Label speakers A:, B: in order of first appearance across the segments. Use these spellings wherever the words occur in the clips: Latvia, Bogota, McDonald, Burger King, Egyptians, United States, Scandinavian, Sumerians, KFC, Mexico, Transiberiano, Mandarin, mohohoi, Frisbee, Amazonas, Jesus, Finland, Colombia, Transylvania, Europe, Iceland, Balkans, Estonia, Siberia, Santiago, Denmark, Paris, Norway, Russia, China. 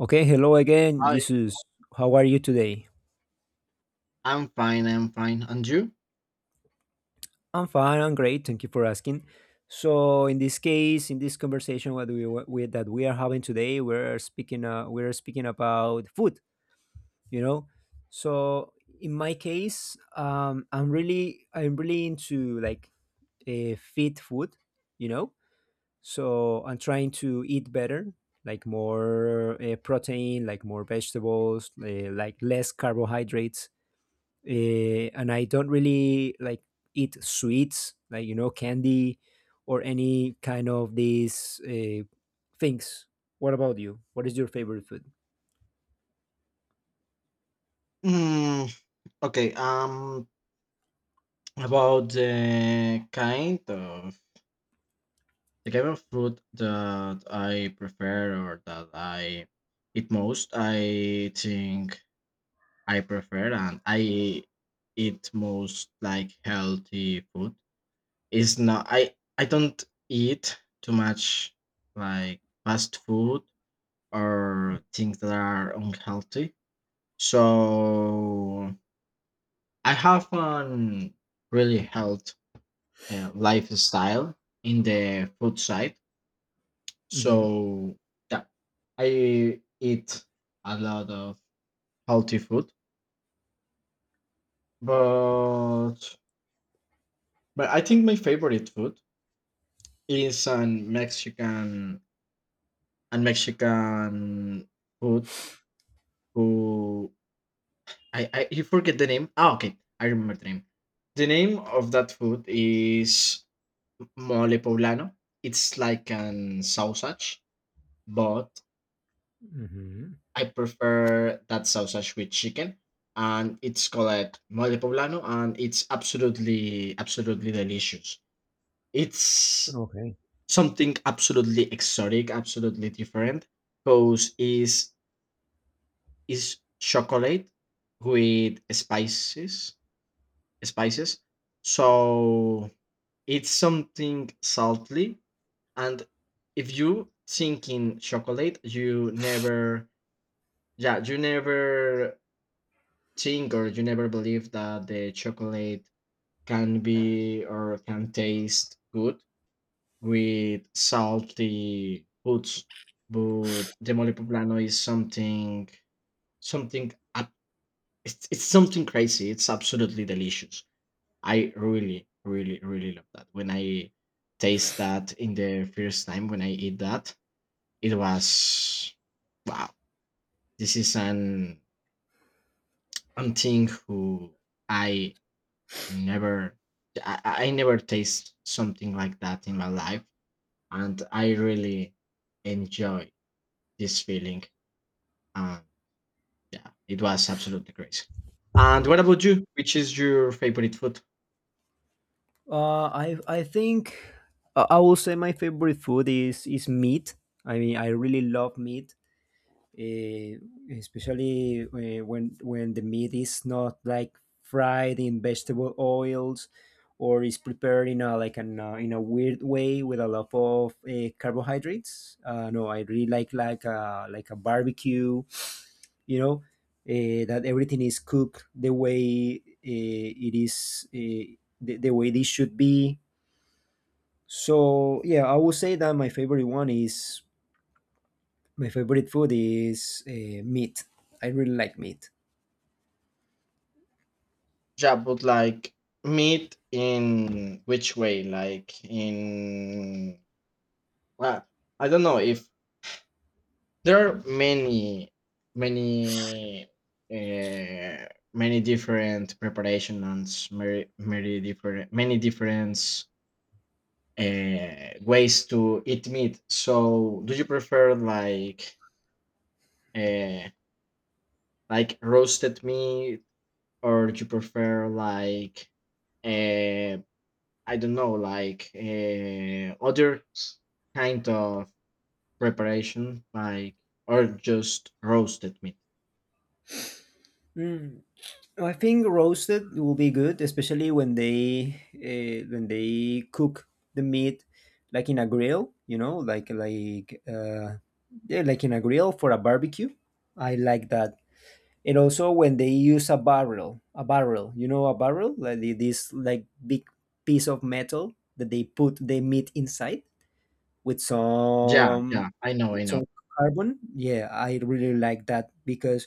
A: Okay, hello again,
B: I
A: Jesus. How are you today?
B: I'm fine. I'm fine. And you?
A: I'm fine. I'm great. Thank you for asking. So, in this case, in this conversation, what we are having today, we're speaking about food. You know, so in my case, I'm really into like a fit food. You know, so I'm trying to eat better, like more protein, like more vegetables, like less carbohydrates and I don't really like eat sweets, like candy or any kind of these things. What about you? What is your favorite food?
B: Mm, okay. Um, about the kind of food that I prefer or that I eat most, I think I prefer and I eat most like healthy food. Is not I don't eat too much like fast food or things that are unhealthy. So I have an really health lifestyle in the food side.
A: hmm
B: So yeah, I eat a lot of healthy food, but but I think my favorite food is an Mexican and Mexican food who I you forget the name. Ah, okay, I remember the name. The name of that food is mole poblano. It's like an sausage but
A: hmm.
B: I prefer that sausage with chicken, and it's called mole poblano, and it's absolutely, absolutely delicious. It's
A: Okay.
B: something absolutely exotic, absolutely different, because is chocolate with spices, spices. So it's something salty, and if you think in chocolate, you never yeah you never think or you never believe that the chocolate can be or can taste good with salty foods but the mole poblano is something something it's something crazy it's absolutely delicious I really really really love that when I taste that in the first time when I eat that it was wow this is an something who I Never, I never taste something like that in my life, and I really enjoy this feeling. And yeah, it was absolutely crazy. And what about you? Which is your favorite food?
A: I think I will say my favorite food is meat. I mean, I really love meat. eh, Especially when the meat is not like fried in vegetable oils or is prepared in a weird way with a lot of carbohydrates. No, I really like a barbecue. You know that everything is cooked the way it is the way this should be. So yeah, I would say that my favorite one is my favorite food is meat. I really like meat.
B: Yeah, but like meat in which way? Like in well, I don't know if there are many, many, uh, many different many, many different ways to eat meat. So, do you prefer uh, like roasted meat, or do you prefer like, uh, I don't know, like other kind of preparation, like or just roasted meat?
A: Mm. I think roasted will be good, especially when they cook the meat like in a grill, you know, like in a grill for a barbecue. I like that. And also when they use a barrel, a barrel, like this like big piece of metal that they put the meat inside with
B: Yeah,
A: some
B: yeah, I know, I know.
A: some carbon. Yeah, I really like that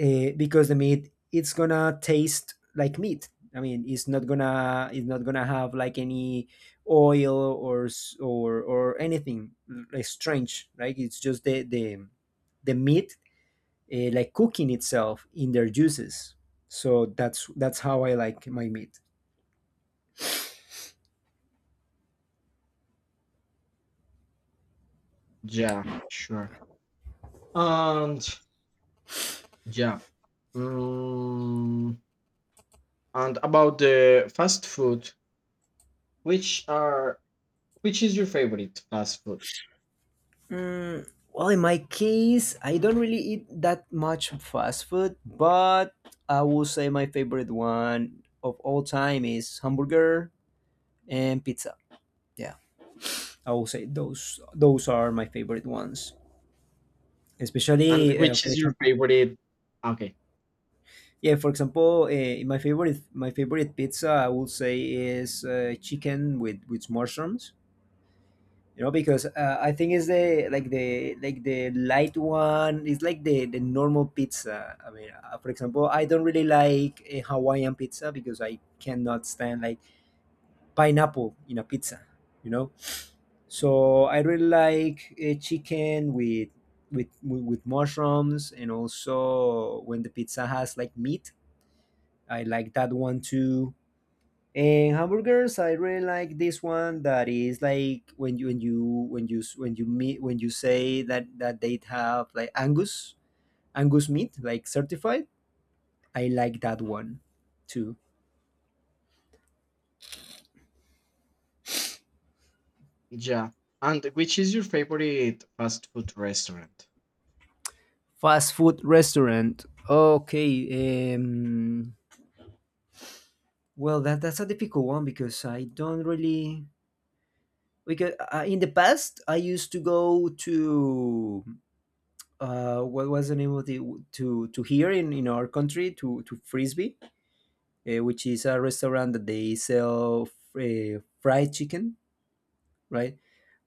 A: because the meat it's gonna taste like meat. I mean, it's not gonna have like any oil or s- or anything like strange. Right? It's just the meat like cooking itself in their juices. So that's how I like my meat.
B: Yeah, sure. And yeah. Mm, and about the fast food, which are which is your favorite fast food?
A: Mm, well, in my case, I don't really eat that much fast food, but I will say my favorite one of all time is hamburger and pizza. Yeah. I will say those are my favorite ones.
B: And
A: Especially
B: which
A: for
B: is your
A: example,
B: favorite? Okay.
A: yeah, for example, my favorite pizza I would say is chicken with mushrooms. You know, because I think it's the light one. It's like the normal pizza. I mean, for example, I don't really like a Hawaiian pizza because I cannot stand like pineapple in a pizza. You know, so I really like a chicken with with mushrooms, and also when the pizza has like meat, I like that one too. And hamburgers, I really like this one that is like when you when you when you when you meet when you say that that they have like Angus meat like certified. I like that one too.
B: Yeah. And which is your favorite fast food restaurant?
A: Fast food restaurant. Okay. Um, well, that's a difficult one because I don't really because in the past I used to go to what was the name of the to here in our country to Frisbee, which is a restaurant that they sell fried chicken, right?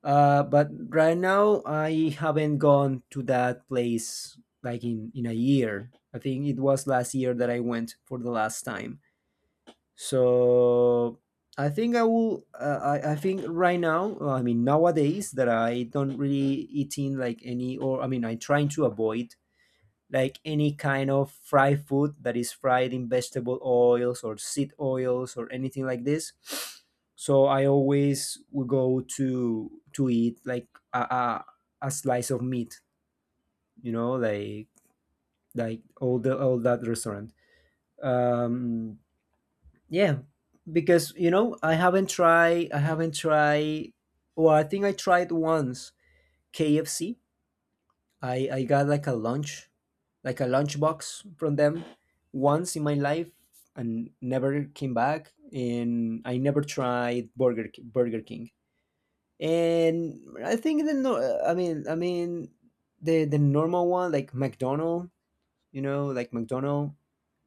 A: But right now I haven't gone to that place like in a year. I think it was last year that I went for the last time. So I think I will. I think right now, I mean nowadays that I don't really eating like any, or I mean I'm trying to avoid like any kind of fried food that is fried in vegetable oils or seed oils or anything like this. So I always would go to eat like a, a, a slice of meat, you know, like all that restaurant. Um, Yeah, because you know I haven't tried. Well, I think I tried once KFC. I got like a lunch box from them once in my life, and never came back. And I never tried Burger King. And I think the no. I mean the normal one like McDonald. You know, like McDonald.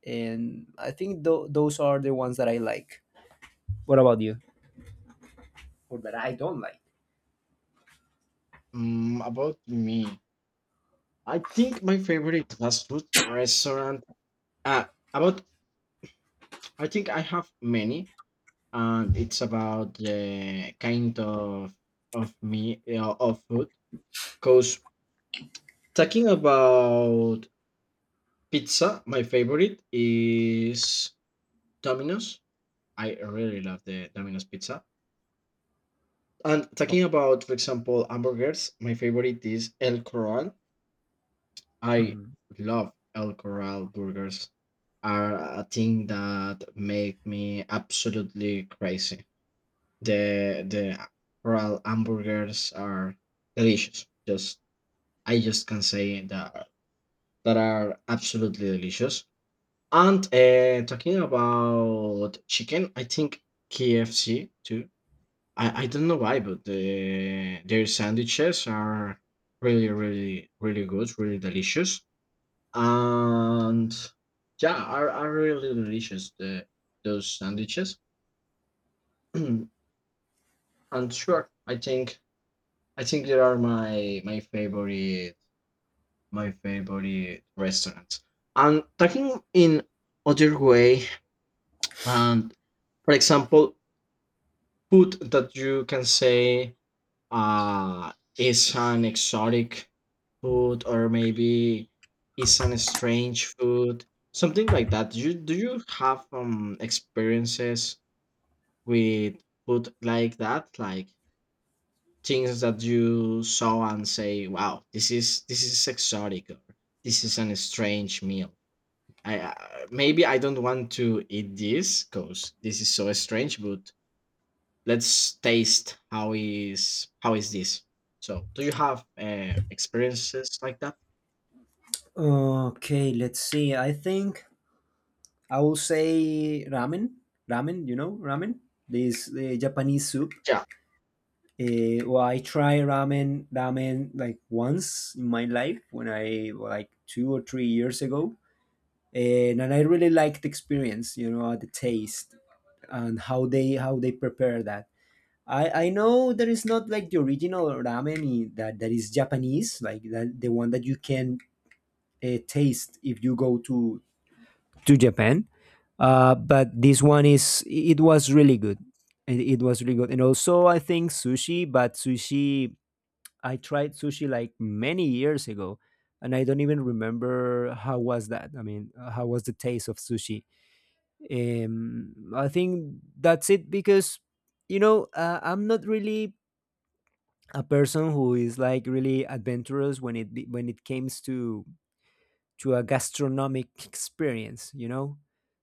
A: And I think those are the ones that I like. What about you? Or that I don't like.
B: Mm, about me, I think my favorite fast food restaurant. Uh, about I think I have many, and it's about the kind of me of food. Because talking about pizza, my favorite is Domino's. I really love the Domino's pizza. And talking
A: Okay.
B: about, for example, hamburgers, my favorite is El Corral. I
A: Mhm.
B: love El Corral burgers. Are a thing that make me absolutely crazy. The Corral hamburgers are delicious. Just I just can say that that are absolutely delicious. And talking about chicken, I think KFC too. I don't know why, but the, their sandwiches are really, really, really good, really delicious. And yeah, are really delicious, the, those sandwiches. And sure, I think they are my favorite my favorite restaurants. And talking in other way, and for example, food that you can say uh, is an exotic food or maybe is an strange food something like that you, do you have experiences with food like that like things that you saw and say wow this is exotic or this is an strange meal I maybe I don't want to eat this because this is so strange but let's taste how is this. So, do you have experiences like that?
A: Okay, let's see. I think I will say ramen. Ramen, you know, ramen. This Japanese soup.
B: Yeah,
A: Well, I try ramen like once in my life when I like 2 or 3 years ago, and I really liked the experience. You know, the taste and how they prepare that. I know there is not like the original that, that is Japanese, like that, the one that you can taste if you go to Japan. But this one is it was really good. It was really good, and also I think sushi. But sushi, I tried sushi like many years ago, and I don't even remember how was that. I mean, how was the taste of sushi? I think that's it because you know I'm not really a person who is like really adventurous when when it comes to a gastronomic experience, you know?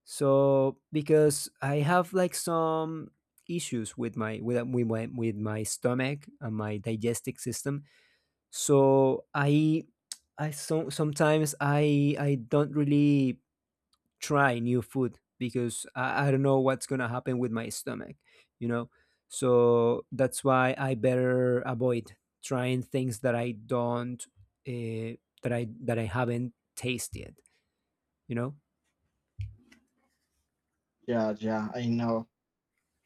A: So because I have like some issues with my with my stomach and my digestive system. So sometimes I don't really try new food because I don't know what's gonna happen with my stomach, you know. So that's why I better avoid trying things that I don't uh, that I haven't tasted, you know.
B: yeah, yeah, I know.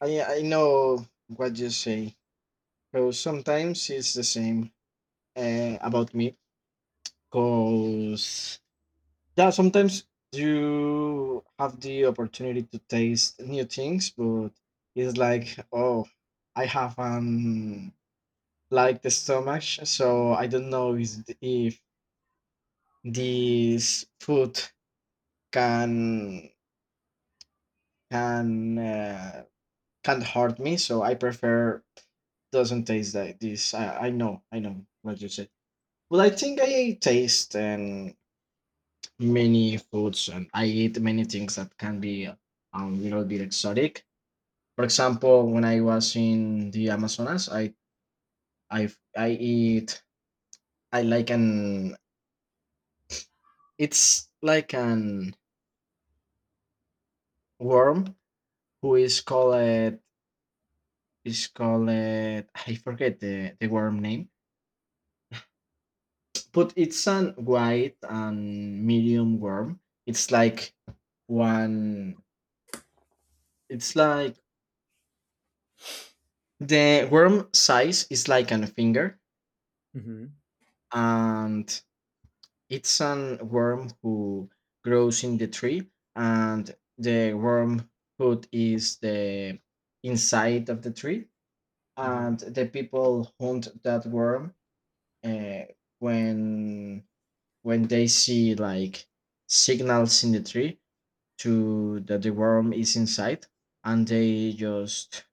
B: I know what you say. Because sometimes it's the same about me. Because yeah, sometimes you have the opportunity to taste new things, but it's like oh, I haven't liked the stomach, so I don't know is if this food can can uh, can't hurt me. So I prefer doesn't taste like this. I know, I know what you said. But I think I taste many foods and I eat many things that can be a little bit exotic. For example, when I was in the Amazonas, I I eat I like an it's like an worm who is called I forget the worm name but it's an white and medium worm. It's like one. It's like the worm size is like a finger,
A: hmm
B: and it's an worm who grows in the tree, and the worm food is the inside of the tree,
A: hmm
B: and the people hunt that worm uh, when when they see like signals in the tree to that the worm is inside and they just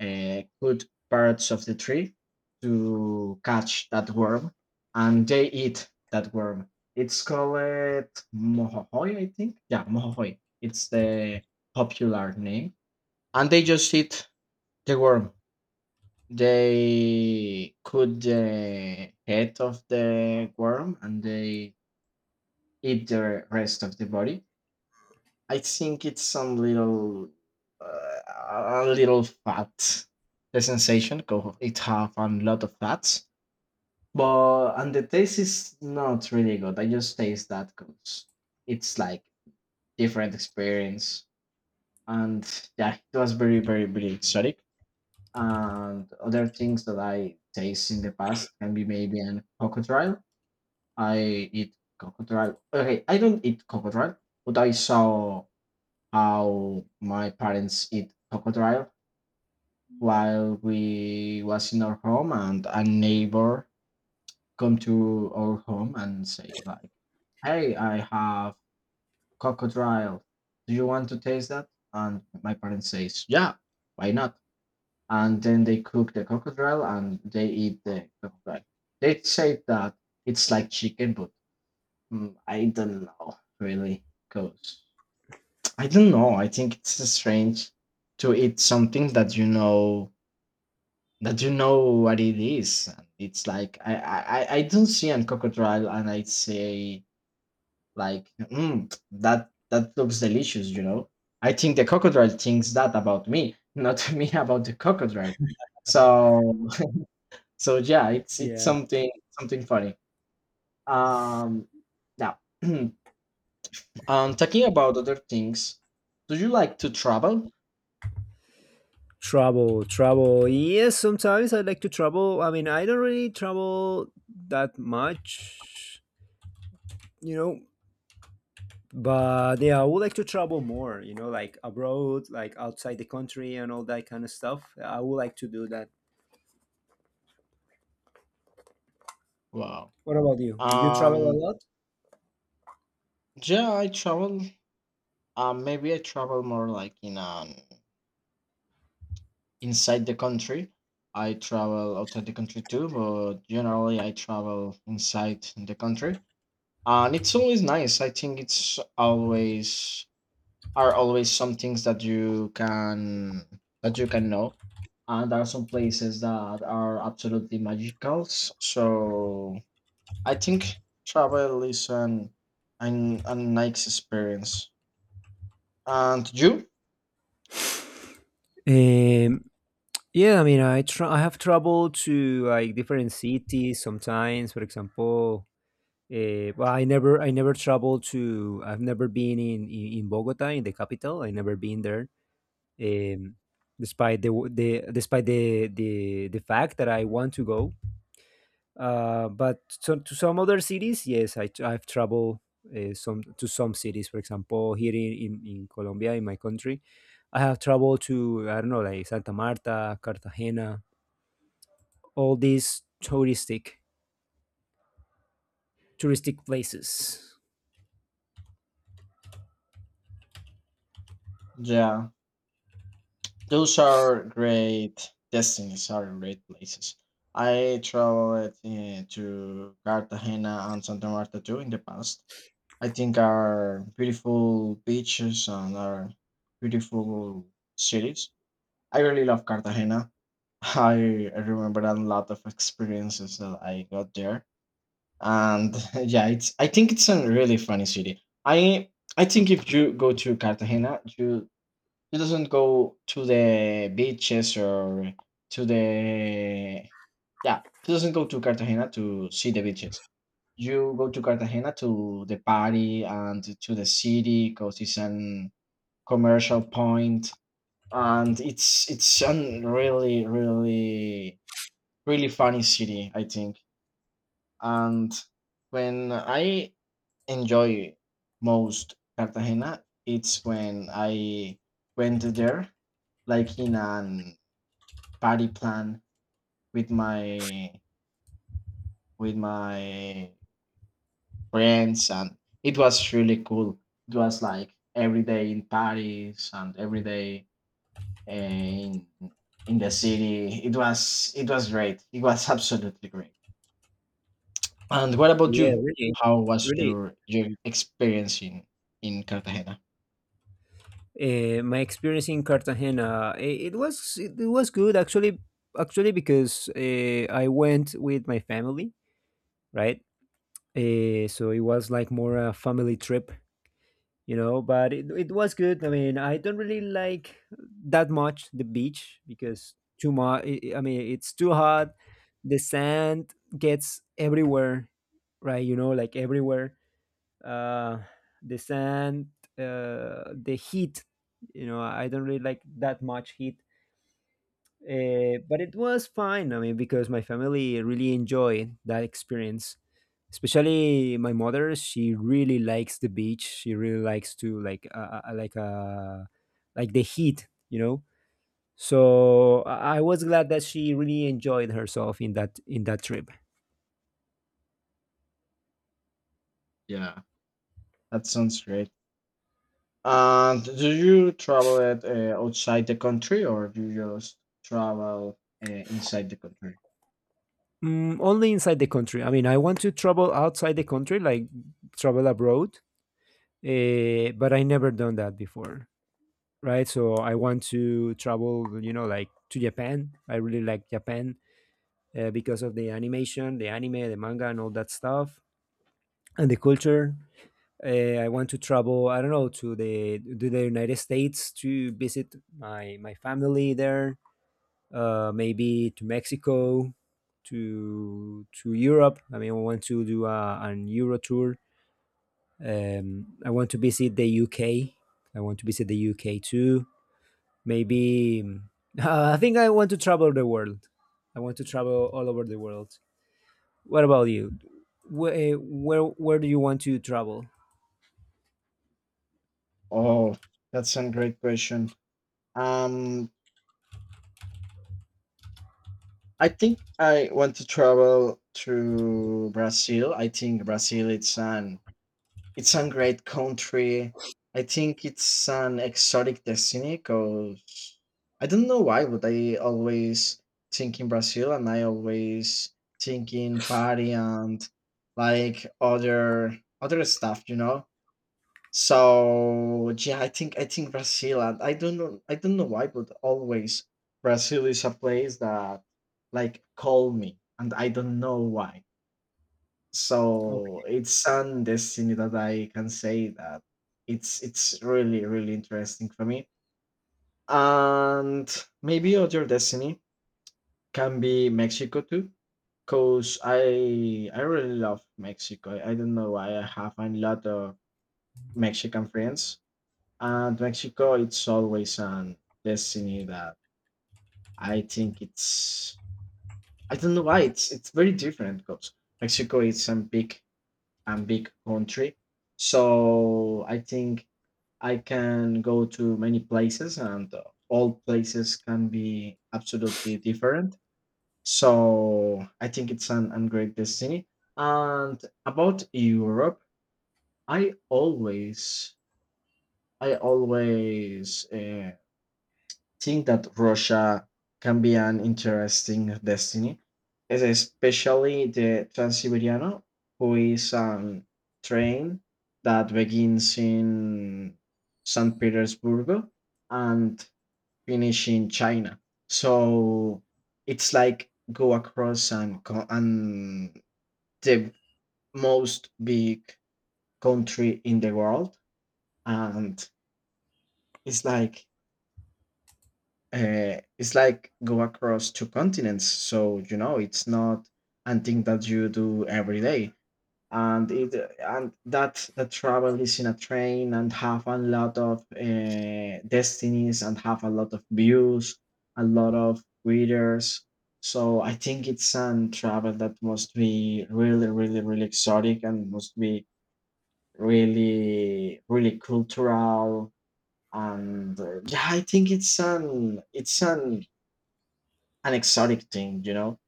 B: cut parts of the tree to catch that worm and they eat that worm it's called mohohoi I think yeah mohohoi it's the popular name and they just eat the worm they cut the head of the worm and they eat the rest of the body I think it's some little, uh, a little fat. The sensation, it have a lot of fats, but and the taste is not really good. I just taste that because it's like different experience, and yeah, it was very, very, very exotic. And other things that I taste in the past can be maybe an crocodile. I eat crocodile. Okay, I don't eat crocodile, but I saw how my parents eat crocodile while we was in our home and a neighbor come to our home and say like hey I have crocodile do you want to taste that and my parents says yeah why not and then they cook the crocodile and they eat the crocodile they say that it's like chicken but mm, I don't know really because I don't know. I think it's strange to eat something that you know what it is. And it's like I don't see an crocodile and I say like mm, that that looks delicious. You know, I think the crocodile thinks that about me, not me about the crocodile. So so yeah, it's
A: Yeah,
B: something something funny. Um, now, talking about other things, do you like to travel?
A: travel yes, sometimes I like to travel. I mean, I don't really travel that much, you know, but yeah, I would like to travel more, you know, like abroad, like outside the country and all that kind of stuff. I would like to do that.
B: Wow.
A: What about you? Do you travel a
B: Um,
A: lot?
B: yeah, I travel. Maybe I travel more like in inside the country. I travel outside the country too, but generally I travel inside the country, and it's always nice. I think it's always are always some things that you can know, and there are some places that are absolutely magical. So I think travel is an, a nice experience. And you?
A: Um, yeah, I mean I have traveled to like different cities sometimes. For example, well, I never traveled to. I've never been in Bogota, in the capital. I never been there. Um, despite the despite the fact that I want to go. But to some other cities, yes, I've traveled some to some cities. For example, here in Colombia, in my country, I have traveled to I don't know like Santa Marta, Cartagena, all these touristic places.
B: Yeah. Those are great destinies are great places. I traveled to Cartagena and Santa Marta too in the past. I think are beautiful beaches and are beautiful cities. I really love Cartagena. I remember a lot of experiences that I got there, and yeah, it's. I think it's a really funny city. I think if you go to Cartagena, you he doesn't go to the beaches or to the yeah. He doesn't go to Cartagena to see the beaches. You go to Cartagena to the party and to the city because it's an commercial point, and it's a really really really funny city, I think. And when I enjoy most Cartagena, it's when I went there, like in an party plan with my with my friends, and it was really cool. It was like every day in Paris and every day eh, in in the city. It was great. It was absolutely great. And what about
A: Yeah,
B: you?
A: really,
B: How was
A: really
B: your experience in Cartagena?
A: my experience in Cartagena, it was good actually. Actually, because I went with my family, right? So it was like more a family trip, you know. But it was good. I mean, I don't really like that much the beach because too much. I mean, it's too hot. The sand gets everywhere, right? You know, like everywhere uh, the sand, the heat. You know, I don't really like that much heat, but it was fine. I mean, because my family really enjoyed that experience. Especially my mother, she really likes the beach. She really likes to like like the heat, you know. So I was glad that she really enjoyed herself in that trip.
B: Yeah, that sounds great. And do you travel it outside the country or do you just travel inside the country?
A: Mm, only inside the country. I mean, I want to travel outside the country, like travel abroad, but I never done that before, right? So I want to travel, you know, like to Japan. I really like Japan because of the animation, the anime, the manga, and all that stuff, and the culture. I want to travel. I don't know, to the United States to visit my family there. Maybe to Mexico, to Europe. I mean, I want to do an Euro tour. I want to visit the UK. I want to visit the UK too. Maybe I think I want to travel the world. I want to travel all over the world. What about you? Where do you want to travel?
B: Oh, that's a great question. Um, I think I want to travel to Brazil. I think Brazil it's an It's a great country. I think it's an exotic destiny because I don't know why, but I always think in Brazil and I always think in party and like other other stuff, you know. So yeah, I think Brazil and I don't know why, but always Brazil is a place that like call me and I don't know why.
A: Okay.
B: So it's an destiny that I can say that it's really really interesting for me. And maybe other destiny can be Mexico too, cause I really love Mexico. I don't know why I have a lot of Mexican friends, and Mexico it's always an destiny that I think it's I don't know why it's very different because Mexico is a big and big country. So I think I can go to many places, and all places can be absolutely different. So I think it's an great destiny. And about Europe, I always, I always. Think that Russia can be an interesting destiny, especially the Transiberiano, who is a train that begins in St. Petersburg and finish in China. So it's like go across and the most big country in the world. And it's like it's like go across two continents, so you know it's not a thing that you do every day and it and that the travel is in a train and have a lot of destinies and have a lot of views, a lot of readers. So I think it's an travel that must be really, really, really exotic and must be really really cultural. And yeah, I think it's an an exotic thing, you know.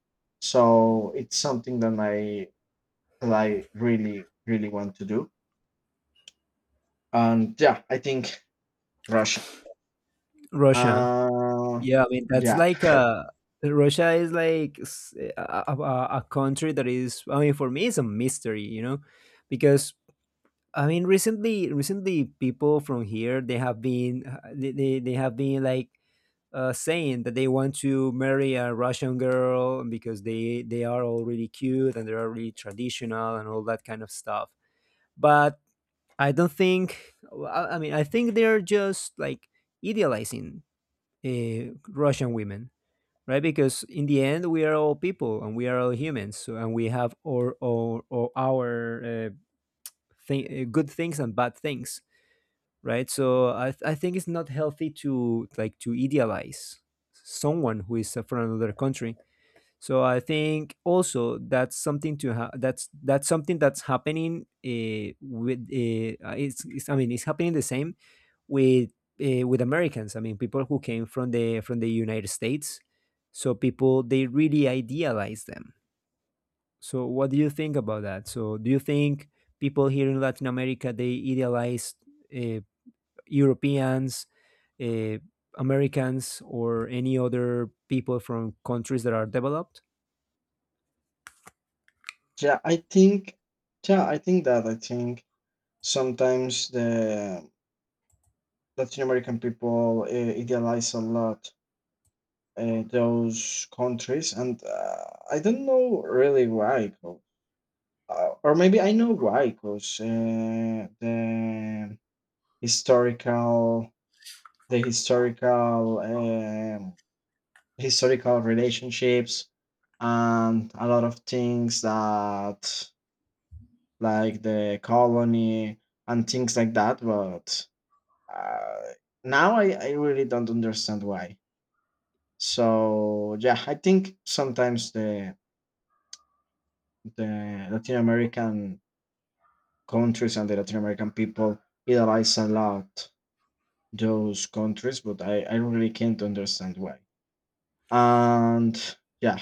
B: So it's something that I really really want to do. And yeah, I think Russia.
A: Russia.
B: Uh,
A: Yeah, I mean that's
B: yeah,
A: like a, Russia is like a country that is. I mean, for me, it's a mystery, you know, because I mean, recently, people from here they have been like saying that they want to marry a Russian girl because they are all really cute and they are really traditional and all that kind of stuff. But I don't think. Well, I mean, I think they're just like idealizing Russian women, right? Because in the end, we are all people and we are all humans, so, and we have our good things and bad things, right? I think it's not healthy to like to idealize someone who is from another country. So I think also that's something to ha- that's something that's happening with it's I mean it's happening the same with with Americans. I mean, people who came from the United States. So people, they really idealize them. So what do you think about that? So do you think people here in Latin America, they idealize uh, Europeans, uh, Americans, or any other people from countries that are developed?
B: yeah. I think yeah, I think that I think sometimes the Latin American people idealize a lot those countries, and I don't know really why. 'Cause- or maybe I know why, because the historical the historical historical relationships and a lot of things that like the colony and things like that. But uh, now, I really don't understand why. So yeah, I think sometimes the Latin American countries and the Latin American people idolize a lot those countries, but I really can't understand why. And yeah,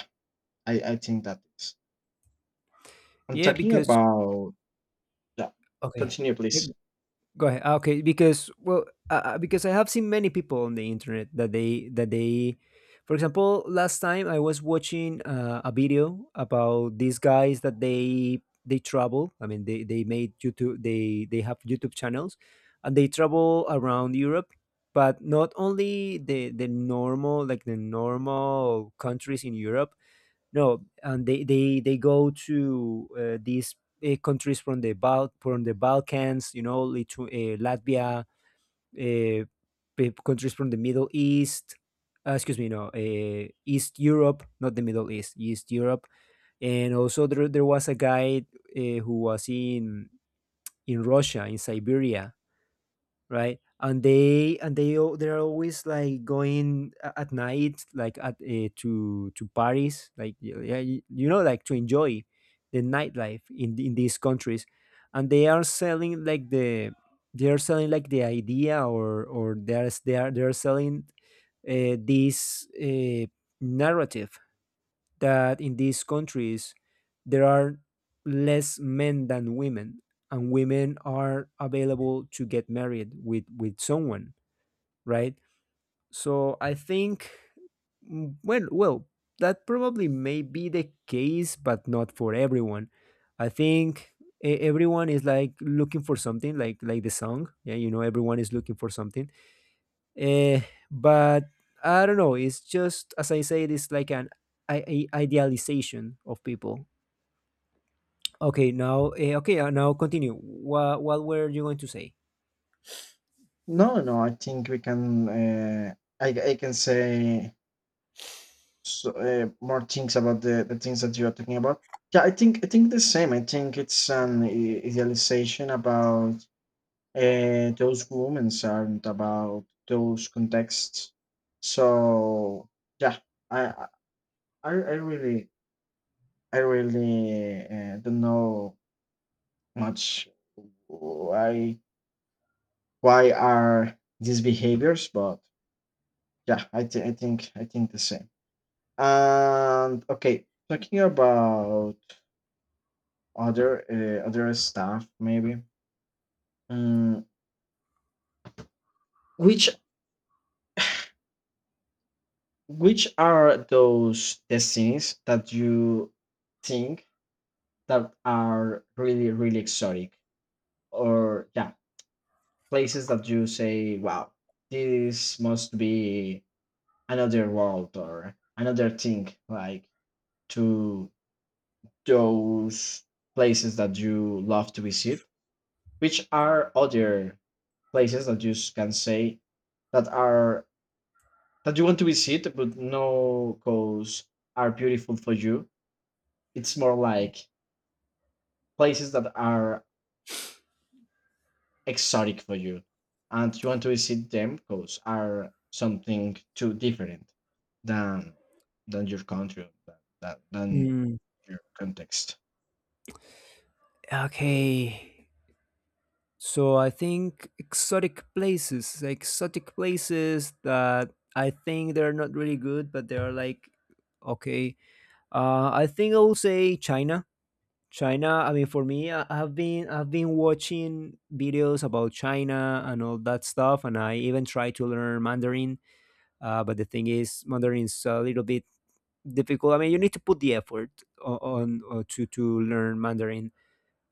B: I think that is. I'm
A: Yeah,
B: talking
A: because
B: about. Yeah.
A: okay,
B: Continue,
A: yeah,
B: please.
A: go ahead. Okay, because well, because I have seen many people on the internet that for example, last time I was watching a video about these guys that they travel. I mean, they made YouTube. They have YouTube channels, and they travel around Europe, but not only the normal, like the normal countries in Europe. No, and they go to these countries from the Balkans, you know, Lithu Latvia, uh, countries from the Middle East. Excuse me, no, East Europe, not the Middle East, East Europe. And also, there was a guy who was in Russia, in Siberia, right? And they're always like going at night, like at to Paris, like yeah, you know, like to enjoy the nightlife in in these countries, and they are selling like the, they are selling like the idea, or they are selling this narrative that in these countries there are less men than women, and women are available to get married with someone, right? So I think, well, that probably may be the case, but not for everyone. I think everyone is like looking for something, like the song. Yeah, you know, everyone is looking for something. Eh, but I don't know. It's just as I said, it's like an I- idealization of people. Okay, now okay now continue. What were you going to say?
B: No, no. I think we can. I can say, so, more things about the things that you are talking about. Yeah, I think the same. I think it's an idealization about those women and about those contexts. So yeah, I I I really I really don't know much. I why are these behaviors, but yeah, I think I think the same. And okay, talking about other other stuff, maybe mm, which which are those destinies that you think that are really really exotic? Or yeah, places that you say wow, this must be another world or another thing, like to those places that you love to visit? Which are other places that you can say that are that you want to visit but no cause are beautiful for you? It's more like places that are exotic for you and you want to visit them because are something too different than your country, than, than
A: Mm,
B: your context.
A: okay, so I think exotic places that I think they're not really good, but they're like okay. I think I will say China. China, I mean, for me, I've been watching videos about China and all that stuff, and I even try to learn Mandarin. But the thing is, Mandarin is a little bit difficult. I mean, you need to put the effort on, to learn Mandarin.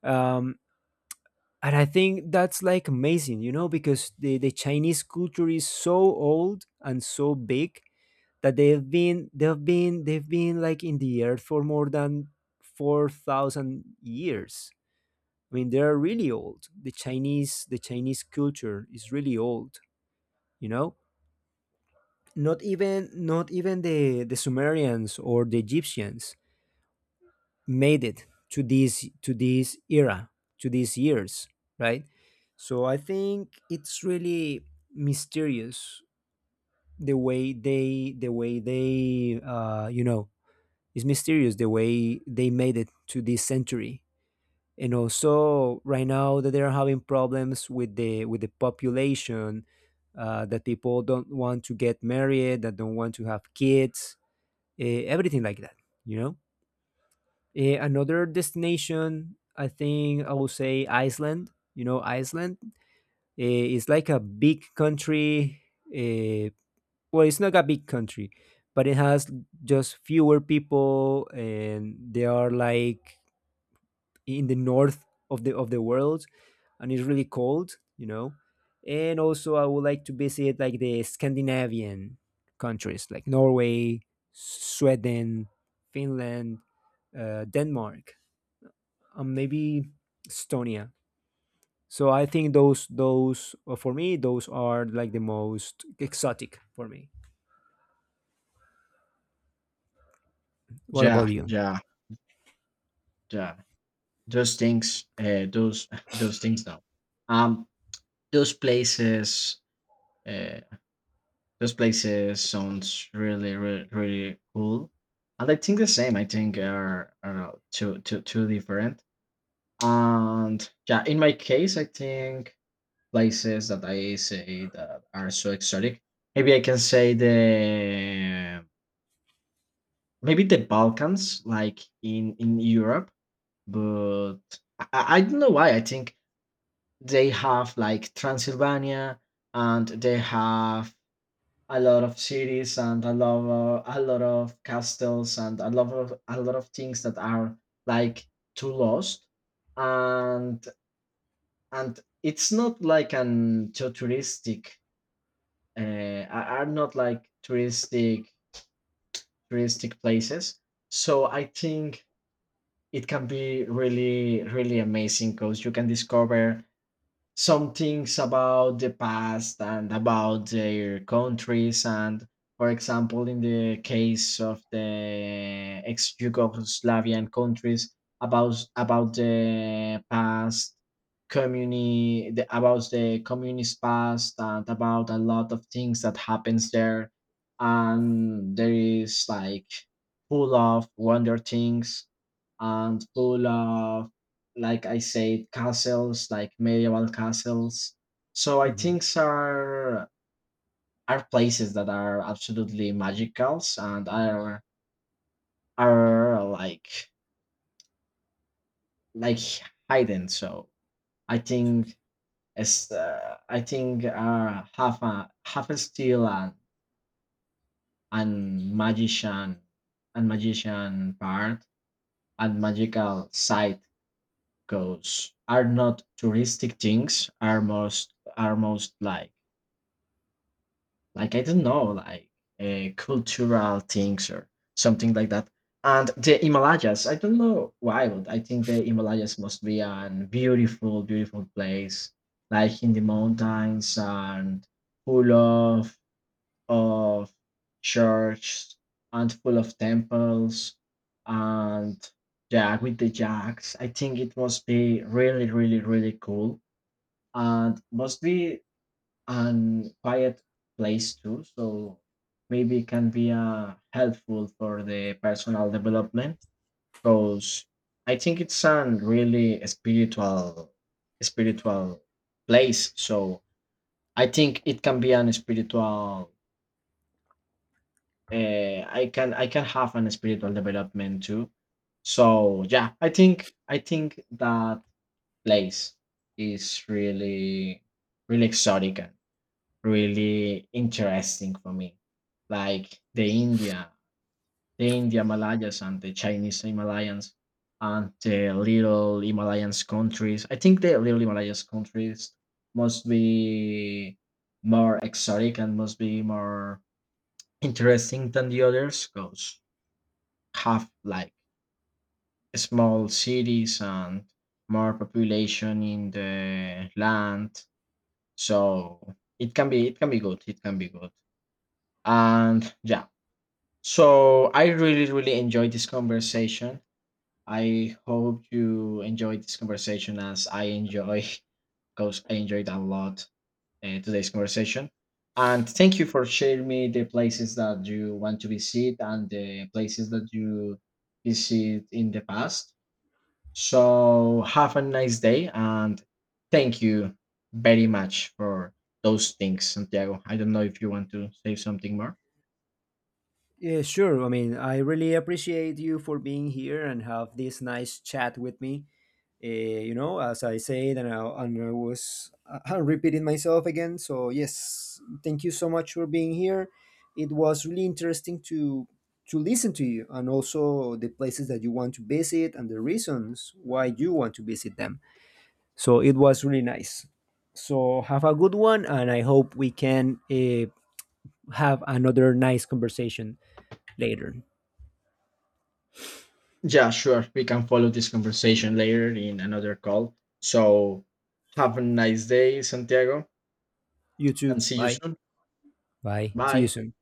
A: Um, and I think that's like amazing, you know, because the Chinese culture is so old and so big that they've been like in the earth for more than 4,000 years. I mean, they are really old. The Chinese culture is really old. You know, not even not even the Sumerians or the Egyptians made it to this era, to these years, right? So I think it's really mysterious, the way they, the way they, you know, it's mysterious the way they made it to this century. And also right now, that they are having problems with the population, that people don't want to get married, that don't want to have kids, everything like that, you know. Eh, another destination, I think I will say Iceland. You know, Iceland, is like a big country. eh, well, it's not a big country, but it has just fewer people, and they are like in the north of the world, and it's really cold, you know. And also, I would like to visit like the Scandinavian countries, like Norway, Sweden, Finland, Denmark, and maybe Estonia. So I think those for me those are like the most exotic for me. What
B: Yeah,
A: about you?
B: yeah, yeah. Those things those those things now um those places uh, those places sounds really really really cool. And I think the same. I think are I don't know, two different. And yeah, in my case, I think places that I say that are so exotic, maybe I can say the maybe the Balkans, like in Europe. But I don't know why. I think they have like Transylvania, and they have a lot of cities and a lot of castles and a lot of things that are like too lost, and it's not like an too touristic. Are not like touristic places. So I think it can be really really amazing, because you can discover some things about the past and about their countries. And for example, in the case of the ex-Yugoslavian countries, about the past, about the communist past and about a lot of things that happens there. And there is like full of wonder things, and full of, like I said, castles, like medieval castles. So I
A: Mhm.
B: think are places that are absolutely magicals, and are like hidden. So I think it's I think are half a half a steel and magician part and magical side. Goes are not touristic things, are most like I don't know, like a cultural things or something like that. And the Himalayas, I don't know why, but I think the Himalayas must be an beautiful, beautiful place, like in the mountains, and full of churches and full of temples, and yeah, with the jacks. I think it must be really, really, really cool, and must be and quiet place too. So maybe it can be helpful for the personal development, because I think it's a really spiritual spiritual place. So I think it can be an spiritual. I can have an spiritual development too. So yeah, I think that place is really really exotic, really interesting for me. Like the India Himalayas, and the Chinese Himalayans, and the little Himalayas countries. I think the little Himalayas countries must be more exotic and must be more interesting than the others, because have like small cities and more population in the land. So it can be good. It can be good. And yeah, so I really, really enjoyed this conversation. I hope you enjoyed this conversation as I enjoy, because I enjoyed a lot today's conversation. And thank you for sharing me the places that you want to visit and the places that you visit in the past. So have a nice day, and thank you very much for those things, Santiago. I don't know if you want to say something more.
A: Yeah, sure. I mean, I really appreciate you for being here and have this nice chat with me. Uh, you know, as I said, and I was repeating myself again. So yes, thank you so much for being here. It was really interesting to listen to you and also the places that you want to visit and the reasons why you want to visit them. So it was really nice. So have a good one, and I hope we can have another nice conversation later.
B: Yeah, sure. We can follow this conversation later in another call. So, have a nice day, Santiago,
A: You
B: and
A: too.
B: see you
A: Bye.
B: soon.
A: Bye. See you
B: Bye.
A: soon.